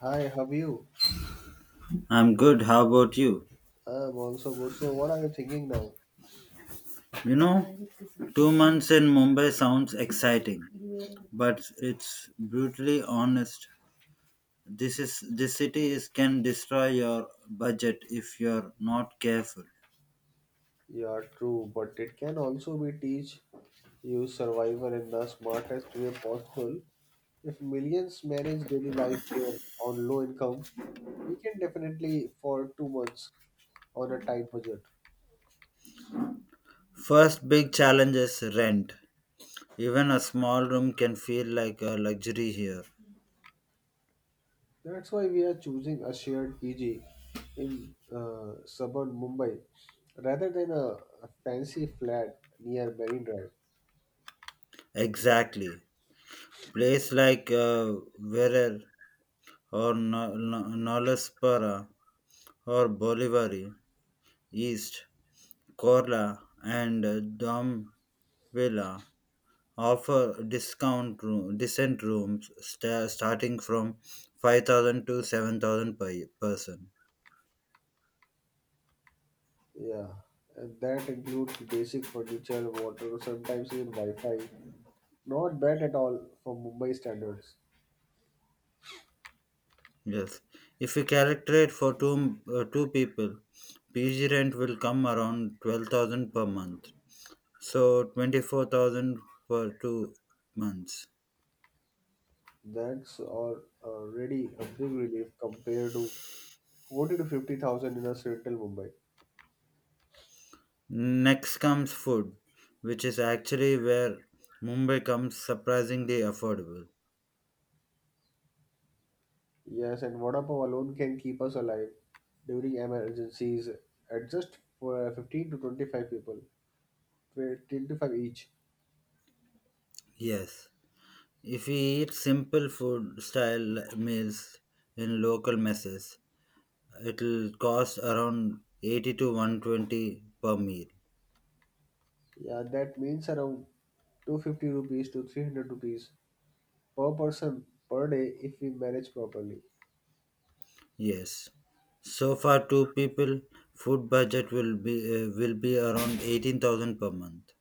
Hi, how are you? I'm good. How about you? I'm also good. So, what are you thinking now? You know, 2 months in Mumbai sounds exciting, but it's brutally honest. This city is can destroy your budget if you're not careful. Yeah, true, but it can also be teach you survival in the smartest way possible. If millions manage daily life here on low income, we can definitely for 2 months on a tight budget. First big challenge is rent. Even a small room can feel like a luxury here. That's why we are choosing a shared PG in suburban Mumbai rather than a fancy flat near Marine Drive. Exactly. Place like Verer or Nolaspara or Bolivari, East, Korla, and Dom villa offer decent rooms starting from 5,000 to 7,000 per person. Yeah, and that includes basic furniture, water, sometimes even Wi-Fi. Not bad at all for Mumbai standards. Yes. If we calculate for two people, PG rent will come around 12,000 per month. So 24,000 per 2 months. That's already a big relief compared to 40 to 50,000 in a central Mumbai. Next comes food, which is actually where Mumbai comes surprisingly affordable. Yes, and Vada Pav alone can keep us alive during emergencies at just for 15 to 25 people, 25 each. Yes. If we eat simple food style meals in local messes, it'll cost around 80 to 120 per meal. Yeah, that means around 250 rupees to 300 rupees per person per day if we manage properly. Yes. So far two people food budget will be around 18,000 per month.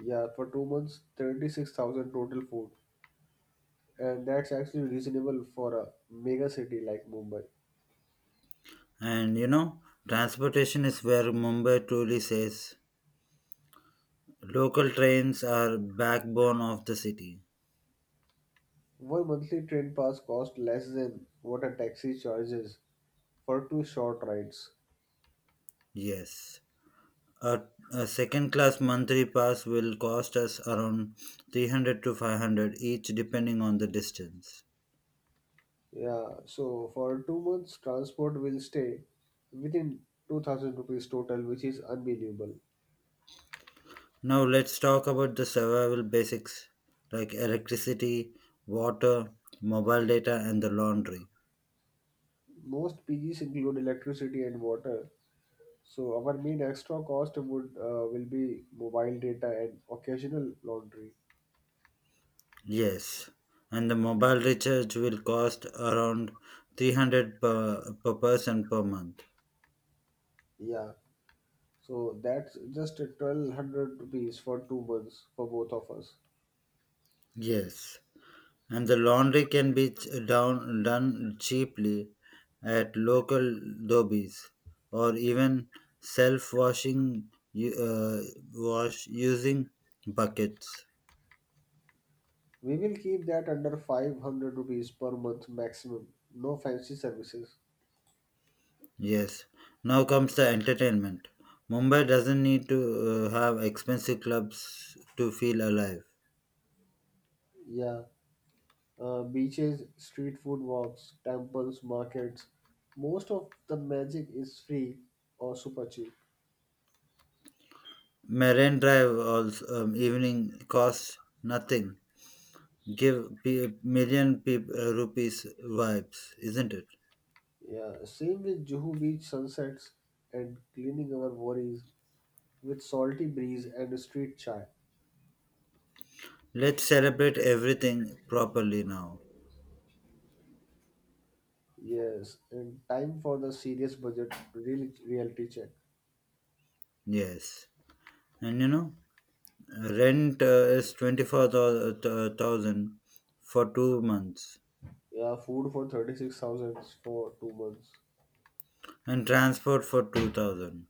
Yeah, for 2 months, 36,000 total food. And that's actually reasonable for a mega city like Mumbai. And transportation is where Mumbai truly says local trains are backbone of the city. One monthly train pass costs less than what a taxi charges for two short rides. Yes. A, a second class monthly pass will cost us around 300 to 500 each depending on the distance. Yeah, so for 2 months, transport will stay within 2,000 rupees total, which is unbelievable. Now let's talk about the survival basics like electricity, water, mobile data and the laundry. Most PGs include electricity and water, so our main extra cost would will be mobile data and occasional laundry. Yes, and the mobile recharge will cost around 300 per person per month. Yeah, so that's just 1,200 rupees for 2 months for both of us. Yes. And the laundry can be done cheaply at local dobbies or even self-washing u- uh, wash using buckets. We will keep that under 500 rupees per month maximum. No fancy services. Yes. Now comes the entertainment. Mumbai doesn't need to have expensive clubs to feel alive. Yeah. Beaches, street food walks, temples, markets. Most of the magic is free or super cheap. Marine Drive also evening costs nothing. Give million rupees vibes, isn't it? Yeah. Same with Juhu Beach sunsets and cleaning our worries with salty breeze and street chai. Let's celebrate everything properly now. Yes. And time for the serious budget reality check. Yes. And rent is 24,000 for 2 months Yeah, food for 36,000 for 2 months. and transport for 2,000.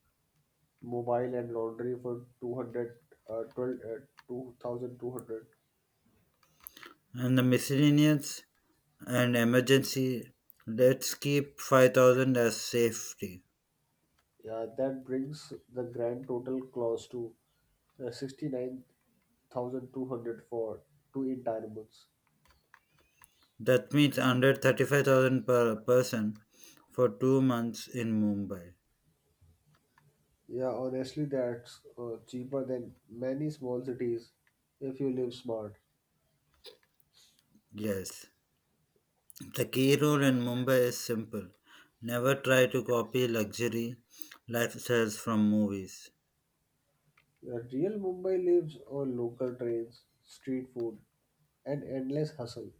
Mobile and laundry for 200, 12, 2,200. And the miscellaneous and emergency, let's keep 5,000 as safety. Yeah, that brings the grand total close to 69,200 for two entire months. That means under 35,000 per person for 2 months in Mumbai. Yeah, honestly, that's cheaper than many small cities if you live smart. Yes. The key rule in Mumbai is simple: never try to copy luxury lifestyles from movies. Yeah, real Mumbai lives on local trains, street food, and endless hustle.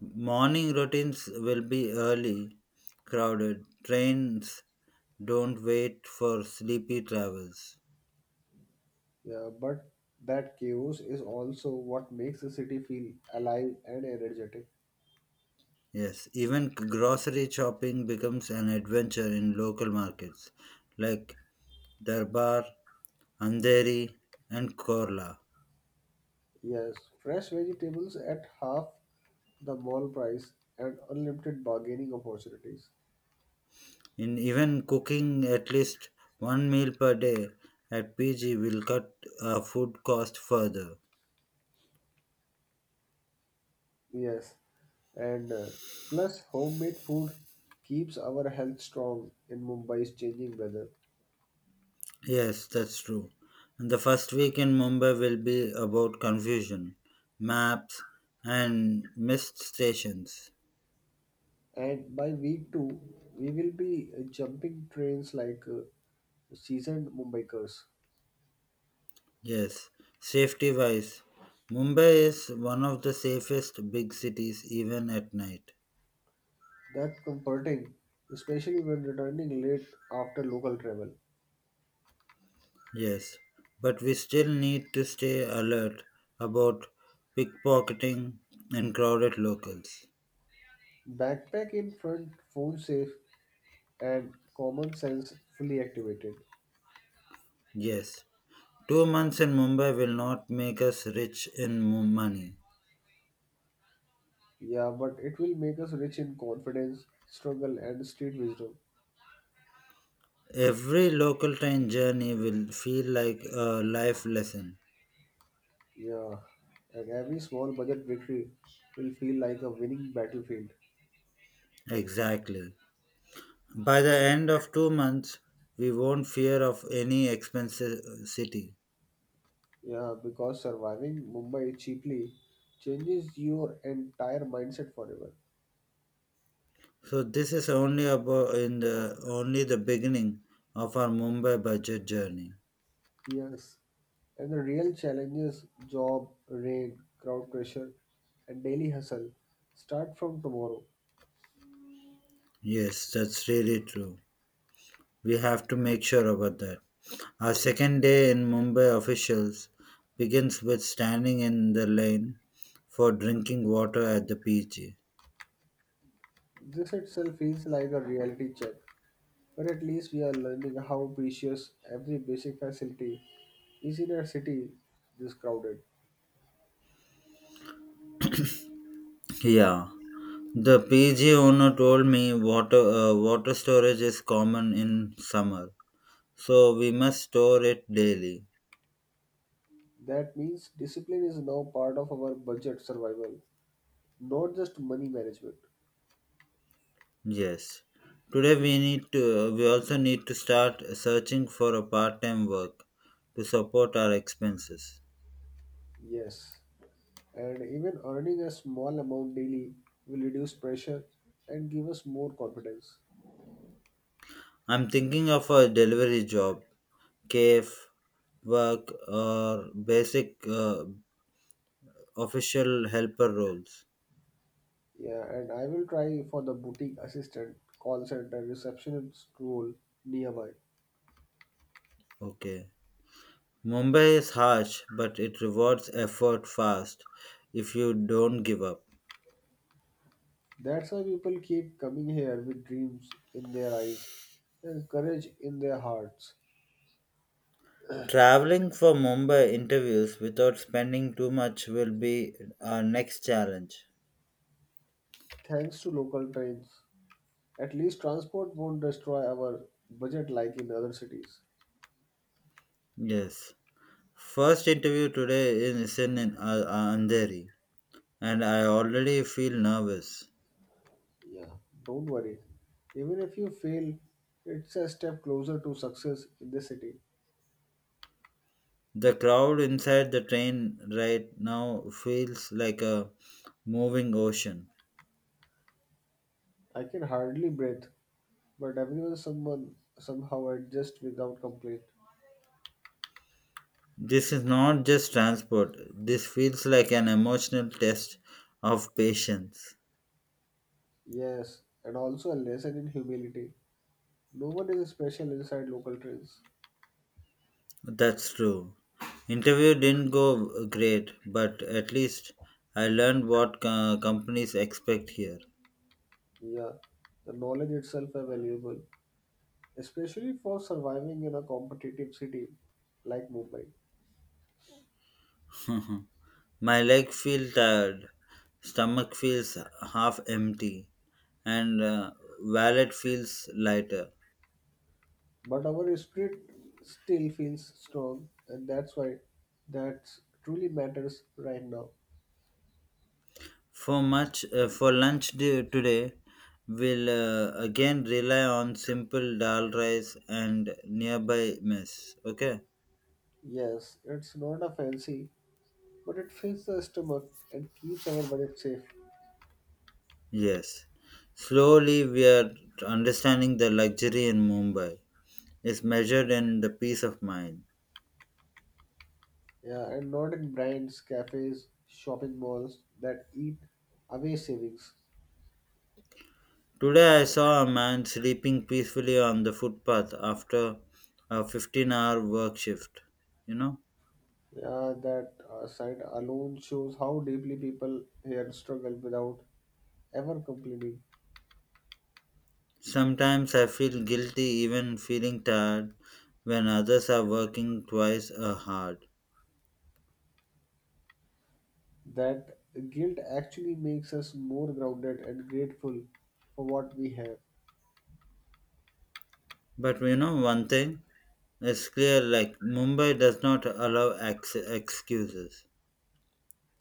Morning routines will be early, crowded. Trains don't wait for sleepy travelers. Yeah, but that chaos is also what makes the city feel alive and energetic. Yes, even grocery shopping becomes an adventure in local markets like Darbar, Andheri, and Korla. Yes, fresh vegetables at half the mall price and unlimited bargaining opportunities. In even cooking at least one meal per day at PG will cut food cost further. Yes, and plus homemade food keeps our health strong in Mumbai's changing weather. Yes, that's true. And the first week in Mumbai will be about confusion, maps, and missed stations. And by week two, we will be jumping trains like seasoned Mumbaikars. Yes, safety wise, Mumbai is one of the safest big cities even at night. That comforting, especially when returning late after local travel. Yes, but we still need to stay alert about pickpocketing and crowded locals. Backpack in front, phone safe, and common sense fully activated. Yes, 2 months in Mumbai will not make us rich in money. Yeah, but it will make us rich in confidence, struggle, and street wisdom. Every local train journey will feel like a life lesson. Yeah, and every small budget victory will feel like a winning battlefield. Exactly. By the end of 2 months, we won't fear of any expensive city. Yeah, because surviving Mumbai cheaply changes your entire mindset forever. So this is only about in the only the beginning of our Mumbai budget journey. Yes, and the real challenges job, rain, crowd pressure, and daily hustle start from tomorrow. Yes, that's really true. We have to make sure about that. Our second day in Mumbai officials begins with standing in the line for drinking water at the PG. This itself feels like a reality check, but at least we are learning how precious every basic facility is in a city this crowded. Yeah, the PG owner told me water storage is common in summer, so we must store it daily. That means discipline is now part of our budget survival, not just money management. Yes. Today we need to start searching for a part-time work to support our expenses. Yes, and even earning a small amount daily will reduce pressure and give us more confidence. I'm thinking of a delivery job cave work or basic official helper roles. Yeah, and I will try for the boutique assistant, call center, receptionist role near mine. Okay. Mumbai is harsh, but it rewards effort fast if you don't give up. That's why people keep coming here with dreams in their eyes and courage in their hearts. Traveling for Mumbai interviews without spending too much will be our next challenge. Thanks to local trains, at least transport won't destroy our budget like in other cities. Yes. First interview today is in Andheri, and I already feel nervous. Yeah, don't worry. Even if you fail, it's a step closer to success in the city. The crowd inside the train right now feels like a moving ocean. I can hardly breathe, but everyone someone somehow adjust without complaint. This is not just transport, this feels like an emotional test of patience. Yes, and also a lesson in humility. No one is special inside local trains. That's true. Interview didn't go great, but at least I learned what companies expect here. Yeah, the knowledge itself is valuable, especially for surviving in a competitive city like Mumbai. My leg feels tired, stomach feels half empty, and wallet feels lighter. But our spirit still feels strong, and that's why that truly matters right now. For much for lunch day, today, we'll again rely on simple dal rice and nearby mess. Okay. Yes, it's not a fancy, but it fills the stomach and keeps our budget safe. Yes. Slowly, we are understanding the luxury in Mumbai is measured in the peace of mind. Yeah, and not in brands, cafes, shopping malls that eat away savings. Today, I saw a man sleeping peacefully on the footpath after a 15-hour work shift. You know? Yeah, that side alone shows how deeply people here struggle without ever complaining. Sometimes I feel guilty even feeling tired when others are working twice as hard. That guilt actually makes us more grounded and grateful for what we have. But you know one thing, it's clear like Mumbai does not allow excuses.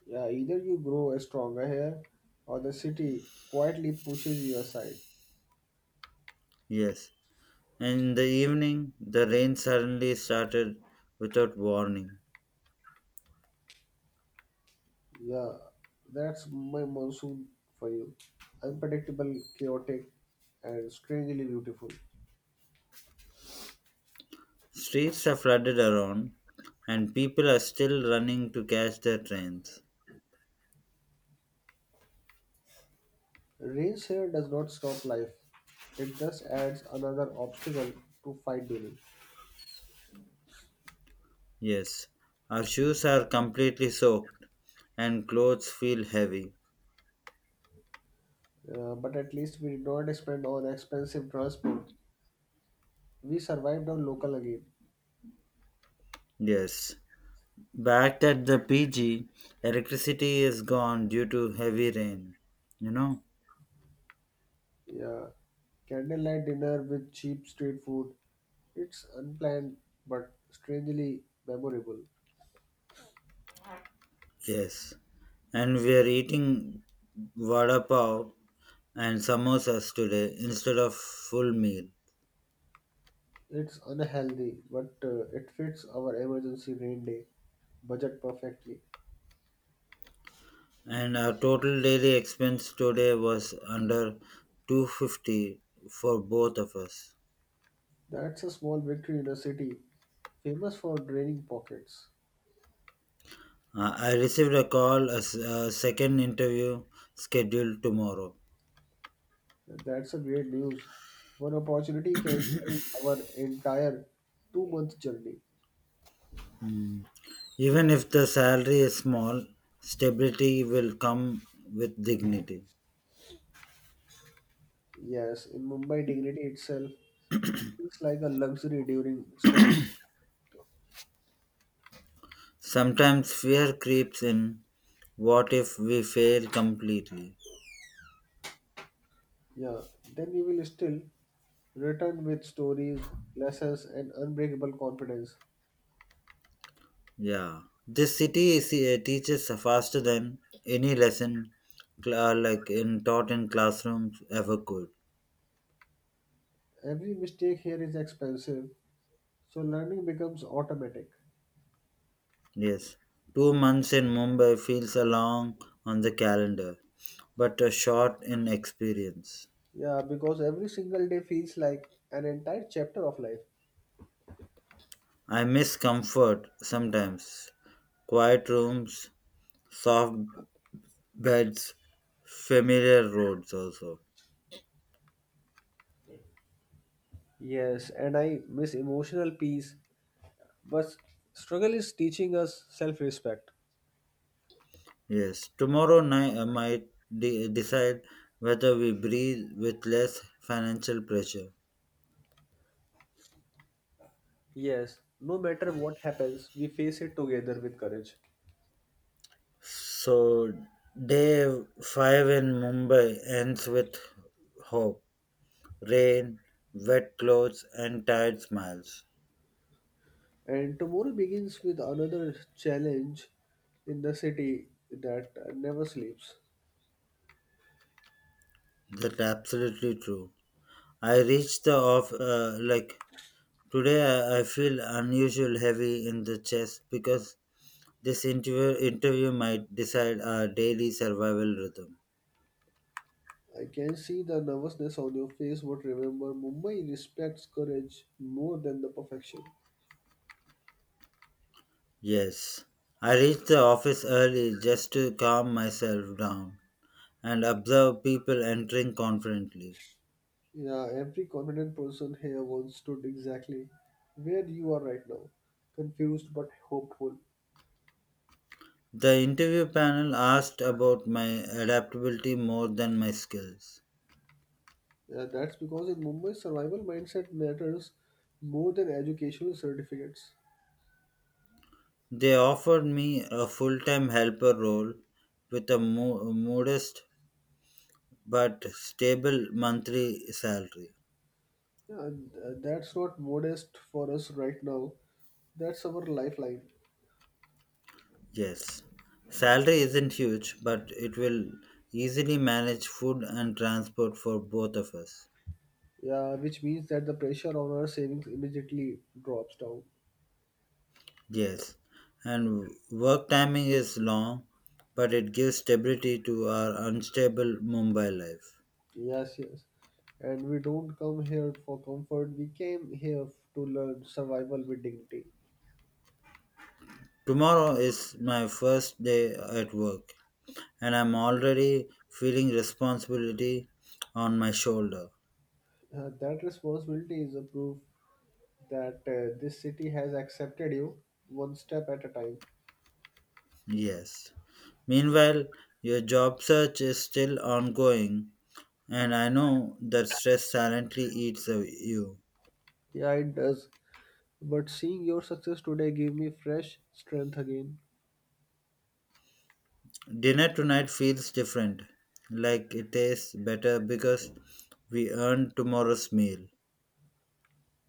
Yeah, either you grow stronger here or the city quietly pushes you aside. Yes. And in the evening, the rain suddenly started without warning. Yeah, that's my monsoon for you. Unpredictable, chaotic, and strangely beautiful. Streets are flooded around, and people are still running to catch their trains. Race here does not stop life, it just adds another obstacle to fight during. Yes. Our shoes are completely soaked, and clothes feel heavy. But at least we did not spend on expensive transport. We survived on local again. Yes. Back at the PG, electricity is gone due to heavy rain. You know? Yeah, candlelight dinner with cheap street food. It's unplanned but strangely memorable. Yes. And we are eating vada pav and samosas today instead of full meal. It's unhealthy, but it fits our emergency rain day budget perfectly. And our total daily expense today was under 250 for both of us. That's a small victory in a city famous for draining pockets. I received a call as a second interview scheduled tomorrow. That's a great news. One opportunity can change our entire 2 month journey. Even if the salary is small, stability will come with dignity. Yes, in Mumbai, dignity itself feels like a luxury during struggle. Sometimes fear creeps in. What if we fail completely? Yeah, then you will still return with stories, lessons, and unbreakable confidence. Yeah. This city teaches faster than any lesson like in taught in classrooms ever could. Every mistake here is expensive, so learning becomes automatic. Yes. 2 months in Mumbai feels a long on the calendar, but a short in experience. Yeah, because every single day feels like an entire chapter of life. I miss comfort sometimes. Quiet rooms, soft beds, familiar roads also. Yes, and I miss emotional peace. But struggle is teaching us self respect. Yes, tomorrow night I might decide whether we breathe with less financial pressure. Yes, no matter what happens, we face it together with courage. So, day five in Mumbai ends with hope, rain, wet clothes, and tired smiles. And tomorrow begins with another challenge in the city that never sleeps. That's absolutely true. I reached the off like today. I feel unusual heavy in the chest because this interview might decide our daily survival rhythm. I can see the nervousness on your face, but remember, Mumbai respects courage more than the perfection. Yes, I reached the office early just to calm myself down and observe people entering confidently. Yeah, every confident person here once stood exactly where you are right now, confused but hopeful. The interview panel asked about my adaptability more than my skills. That's because in Mumbai, survival mindset matters more than educational certificates. They offered me a full time helper role with a modest but stable monthly salary. Yeah, that's not modest for us right now. That's our lifeline. Yes, salary isn't huge, but it will easily manage food and transport for both of us. Yeah, which means that the pressure on our savings immediately drops down. Yes, and work timing is long, but it gives stability to our unstable Mumbai life. Yes, yes. And we don't come here for comfort. We came here to learn survival with dignity. Tomorrow is my first day at work, and I'm already feeling responsibility on my shoulder. That responsibility is a proof that this city has accepted you one step at a time. Yes. Meanwhile, your job search is still ongoing, and I know that stress silently eats away you. Yeah, it does. But seeing your success today gave me fresh strength again. Dinner tonight feels different, like it tastes better because we earned tomorrow's meal.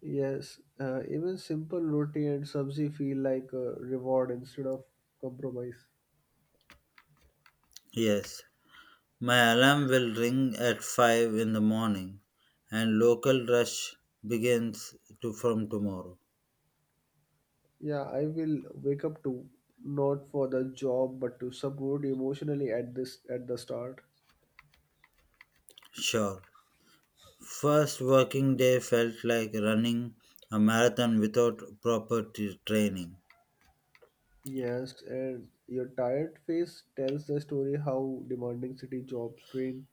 Yes, even simple roti and sabzi feel like a reward instead of compromise. Yes, my alarm will ring at 5 in the morning and local rush begins to from tomorrow. Yeah, I will wake up to not for the job but to support emotionally at the start. Sure. First working day felt like running a marathon without proper training. Yes, and your tired face tells the story how demanding city jobs drain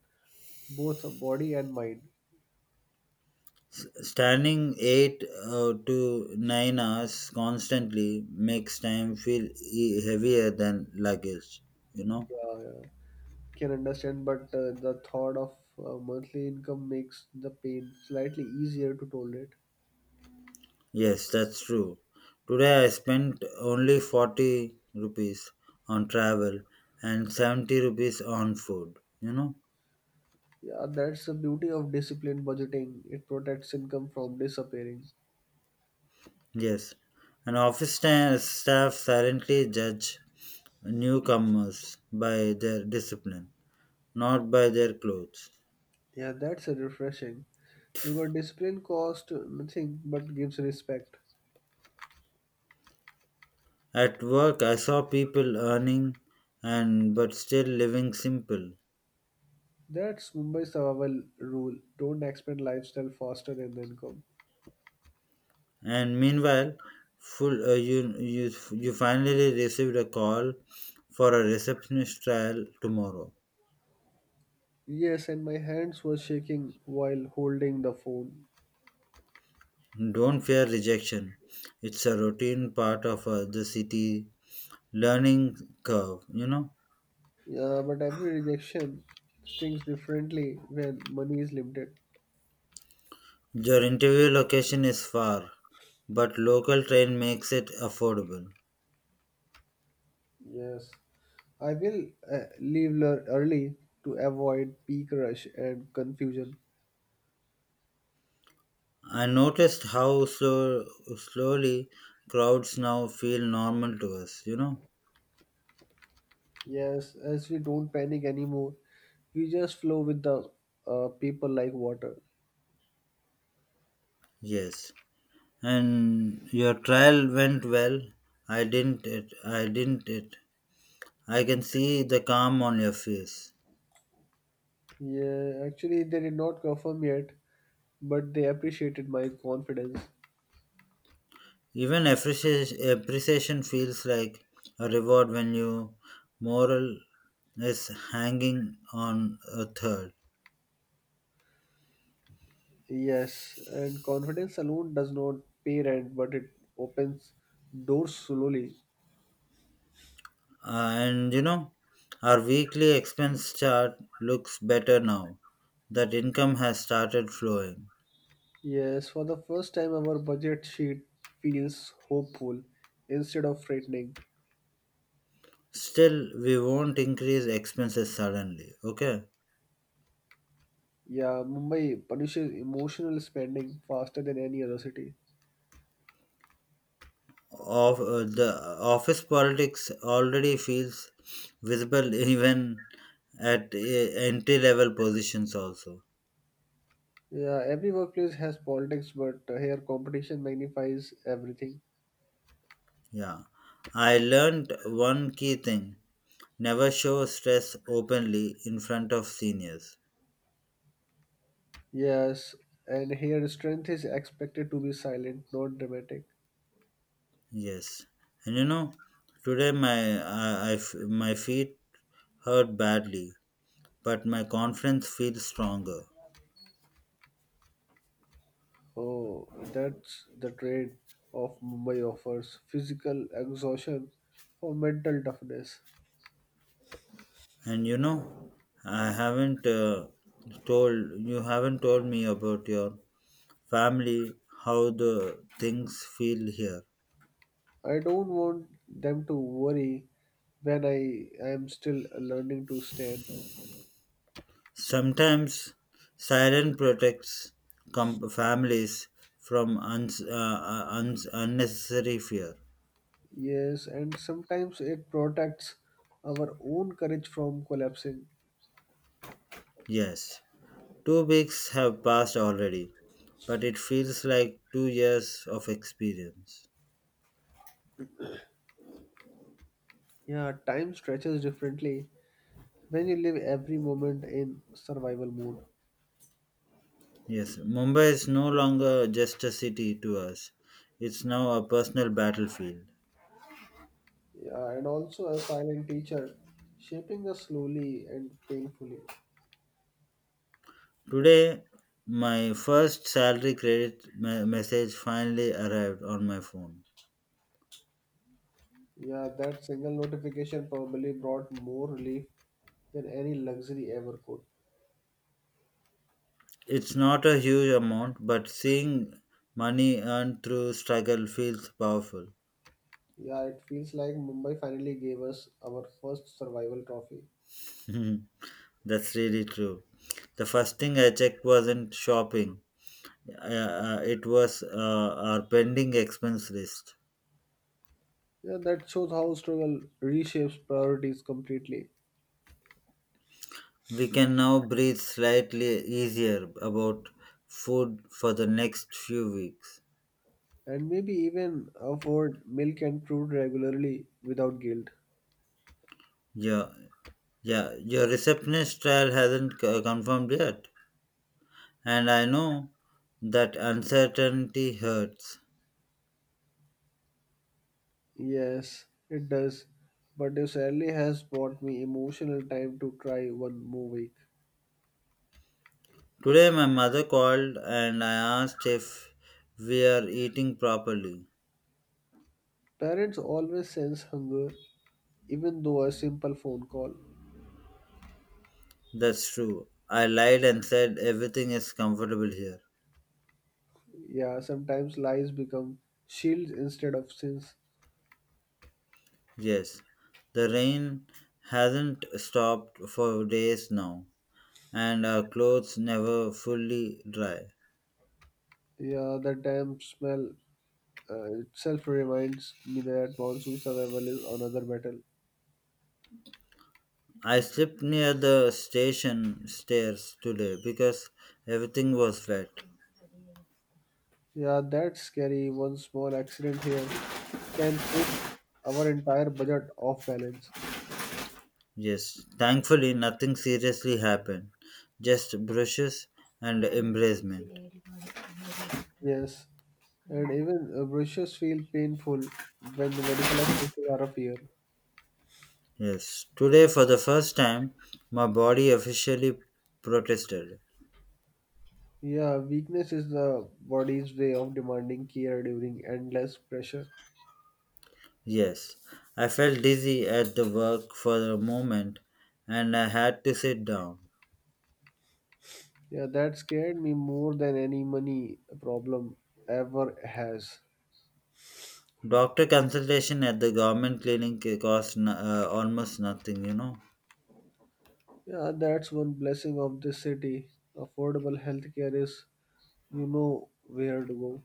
both body and mind. Standing 8 to 9 hours constantly makes time feel heavier than luggage, you know? Yeah, yeah. Can understand, but the thought of monthly income makes the pain slightly easier to tolerate. Yes, that's true. Today I spent only 40 rupees on travel and 70 rupees on food, you know? Yeah, that's the beauty of disciplined budgeting. It protects income from disappearing. Yes. And office staff silently judge newcomers by their discipline, not by their clothes. Yeah, that's a refreshing. Because discipline costs nothing but gives respect. At work, I saw people earning and but still living simple. That's Mumbai's survival rule. Don't expand lifestyle faster than the income. And meanwhile, full you finally received a call for a receptionist trial tomorrow. Yes, and my hands were shaking while holding the phone. Don't fear rejection. It's a routine part of the city learning curve, you know. Yeah, but every rejection stings differently when money is limited. Your interview location is far, but local train makes it affordable. Yes, I will leave early to avoid peak rush and confusion. I noticed how slowly crowds now feel normal to us, you know? Yes, as we don't panic anymore, we just flow with the people like water. Yes. And your trial went well. I didn't it. I can see the calm on your face. Yeah, actually, they did not confirm yet, but they appreciated my confidence. Even appreciation feels like a reward when your moral is hanging on a third. Yes, and confidence alone does not pay rent, but it opens doors slowly. And our weekly expense chart looks better now that income has started flowing. Yes, for the first time, our budget sheet feels hopeful instead of frightening. Still, we won't increase expenses suddenly, okay? Yeah, Mumbai punishes emotional spending faster than any other city. Of the office politics already feels visible even at entry level positions also. Yeah, every workplace has politics, but here competition magnifies everything. Yeah. I learned one key thing. Never show stress openly in front of seniors. Yes, and here strength is expected to be silent, not dramatic. Yes, and today my my feet hurt badly, but my confidence feels stronger. Oh, that's the trade of Mumbai offers physical exhaustion for mental toughness. And I haven't told you haven't told me about your family, how the things feel here. I don't want them to worry when I am still learning to stand. Sometimes silence protects families from unnecessary fear. Yes, and sometimes it protects our own courage from collapsing. Yes, 2 weeks have passed already, but it feels like 2 years of experience. Yeah, time stretches differently when you live every moment in survival mode. Yes, Mumbai is no longer just a city to us, it's now a personal battlefield. Yeah, and also a silent teacher shaping us slowly and painfully. Today, my first salary credit message finally arrived on my phone. Yeah, that single notification probably brought more relief than any luxury ever could. It's not a huge amount, but seeing money earned through struggle feels powerful. Yeah, it feels like Mumbai finally gave us our first survival trophy. That's really true. The first thing I checked wasn't shopping. It was our pending expense list. Yeah, that shows how struggle reshapes priorities completely. We can now breathe slightly easier about food for the next few weeks. And maybe even afford milk and fruit regularly without guilt. Yeah, yeah, your receptionist trial hasn't confirmed yet, and I know that uncertainty hurts. Yes, it does. But if Sally has bought me emotional time to try one more week. Today, my mother called and I asked if we are eating properly. Parents always sense hunger, even though a simple phone call. That's true. I lied and said everything is comfortable here. Yeah, sometimes lies become shields instead of sins. Yes, the rain hasn't stopped for days now, and our clothes never fully dry. Yeah, the damn smell itself reminds me that monsoon survival is another battle. I slipped near the station stairs today because everything was wet. Yeah, that's scary. One small accident here can push our entire budget off balance. Yes, thankfully nothing seriously happened, just brushes and embracement. Yes, and even brushes feel painful when the medical expenses are up here. Yes, today for the first time, my body officially protested. Yeah, weakness is the body's way of demanding care during endless pressure. Yes, I felt dizzy at the work for a moment and I had to sit down. Yeah, that scared me more than any money problem ever has. Doctor consultation at the government clinic cost almost nothing. Yeah, that's one blessing of this city. Affordable healthcare is you know where to go.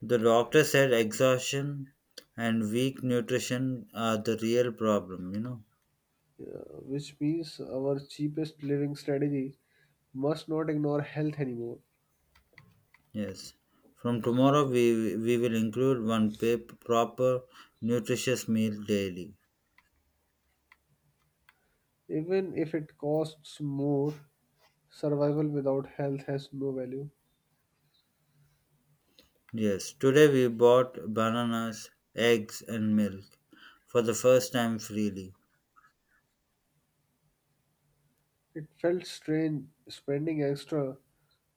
The doctor said exhaustion and weak nutrition are the real problem. Which means our cheapest living strategy must not ignore health anymore. Yes. From tomorrow, we will include one proper nutritious meal daily. Even if it costs more, survival without health has no value. Yes, today we bought bananas, eggs, and milk for the first time freely. It felt strange spending extra,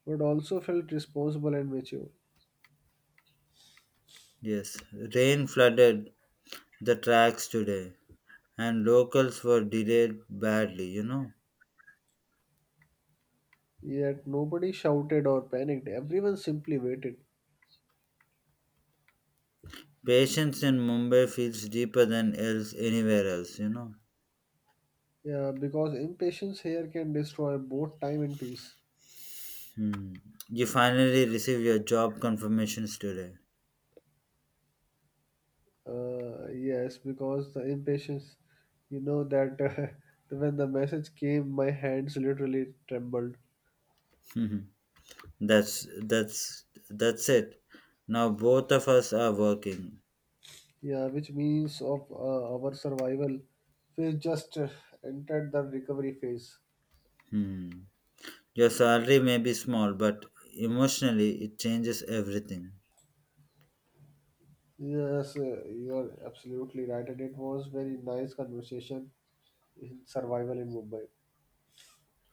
but also felt responsible and mature. Yes, rain flooded the tracks today and locals were delayed badly. Yet nobody shouted or panicked, everyone simply waited. Patience in Mumbai feels deeper than else anywhere else. Yeah, because impatience here can destroy both time and peace. Hmm. You finally receive your job confirmations today. Yes, because the impatience, you know that when the message came, my hands literally trembled. Mhm. That's it. Now both of us are working. Yeah, which means of our survival phase just entered the recovery phase. Hmm. Your salary may be small, but emotionally it changes everything. Yes, you are absolutely right, and it was very nice conversation in survival in Mumbai.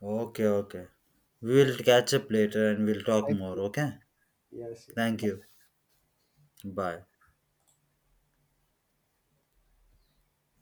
Okay, okay. We Yeah, will catch up later and we'll talk thank more, you. okay? Yes, Thank you. yes. Bye.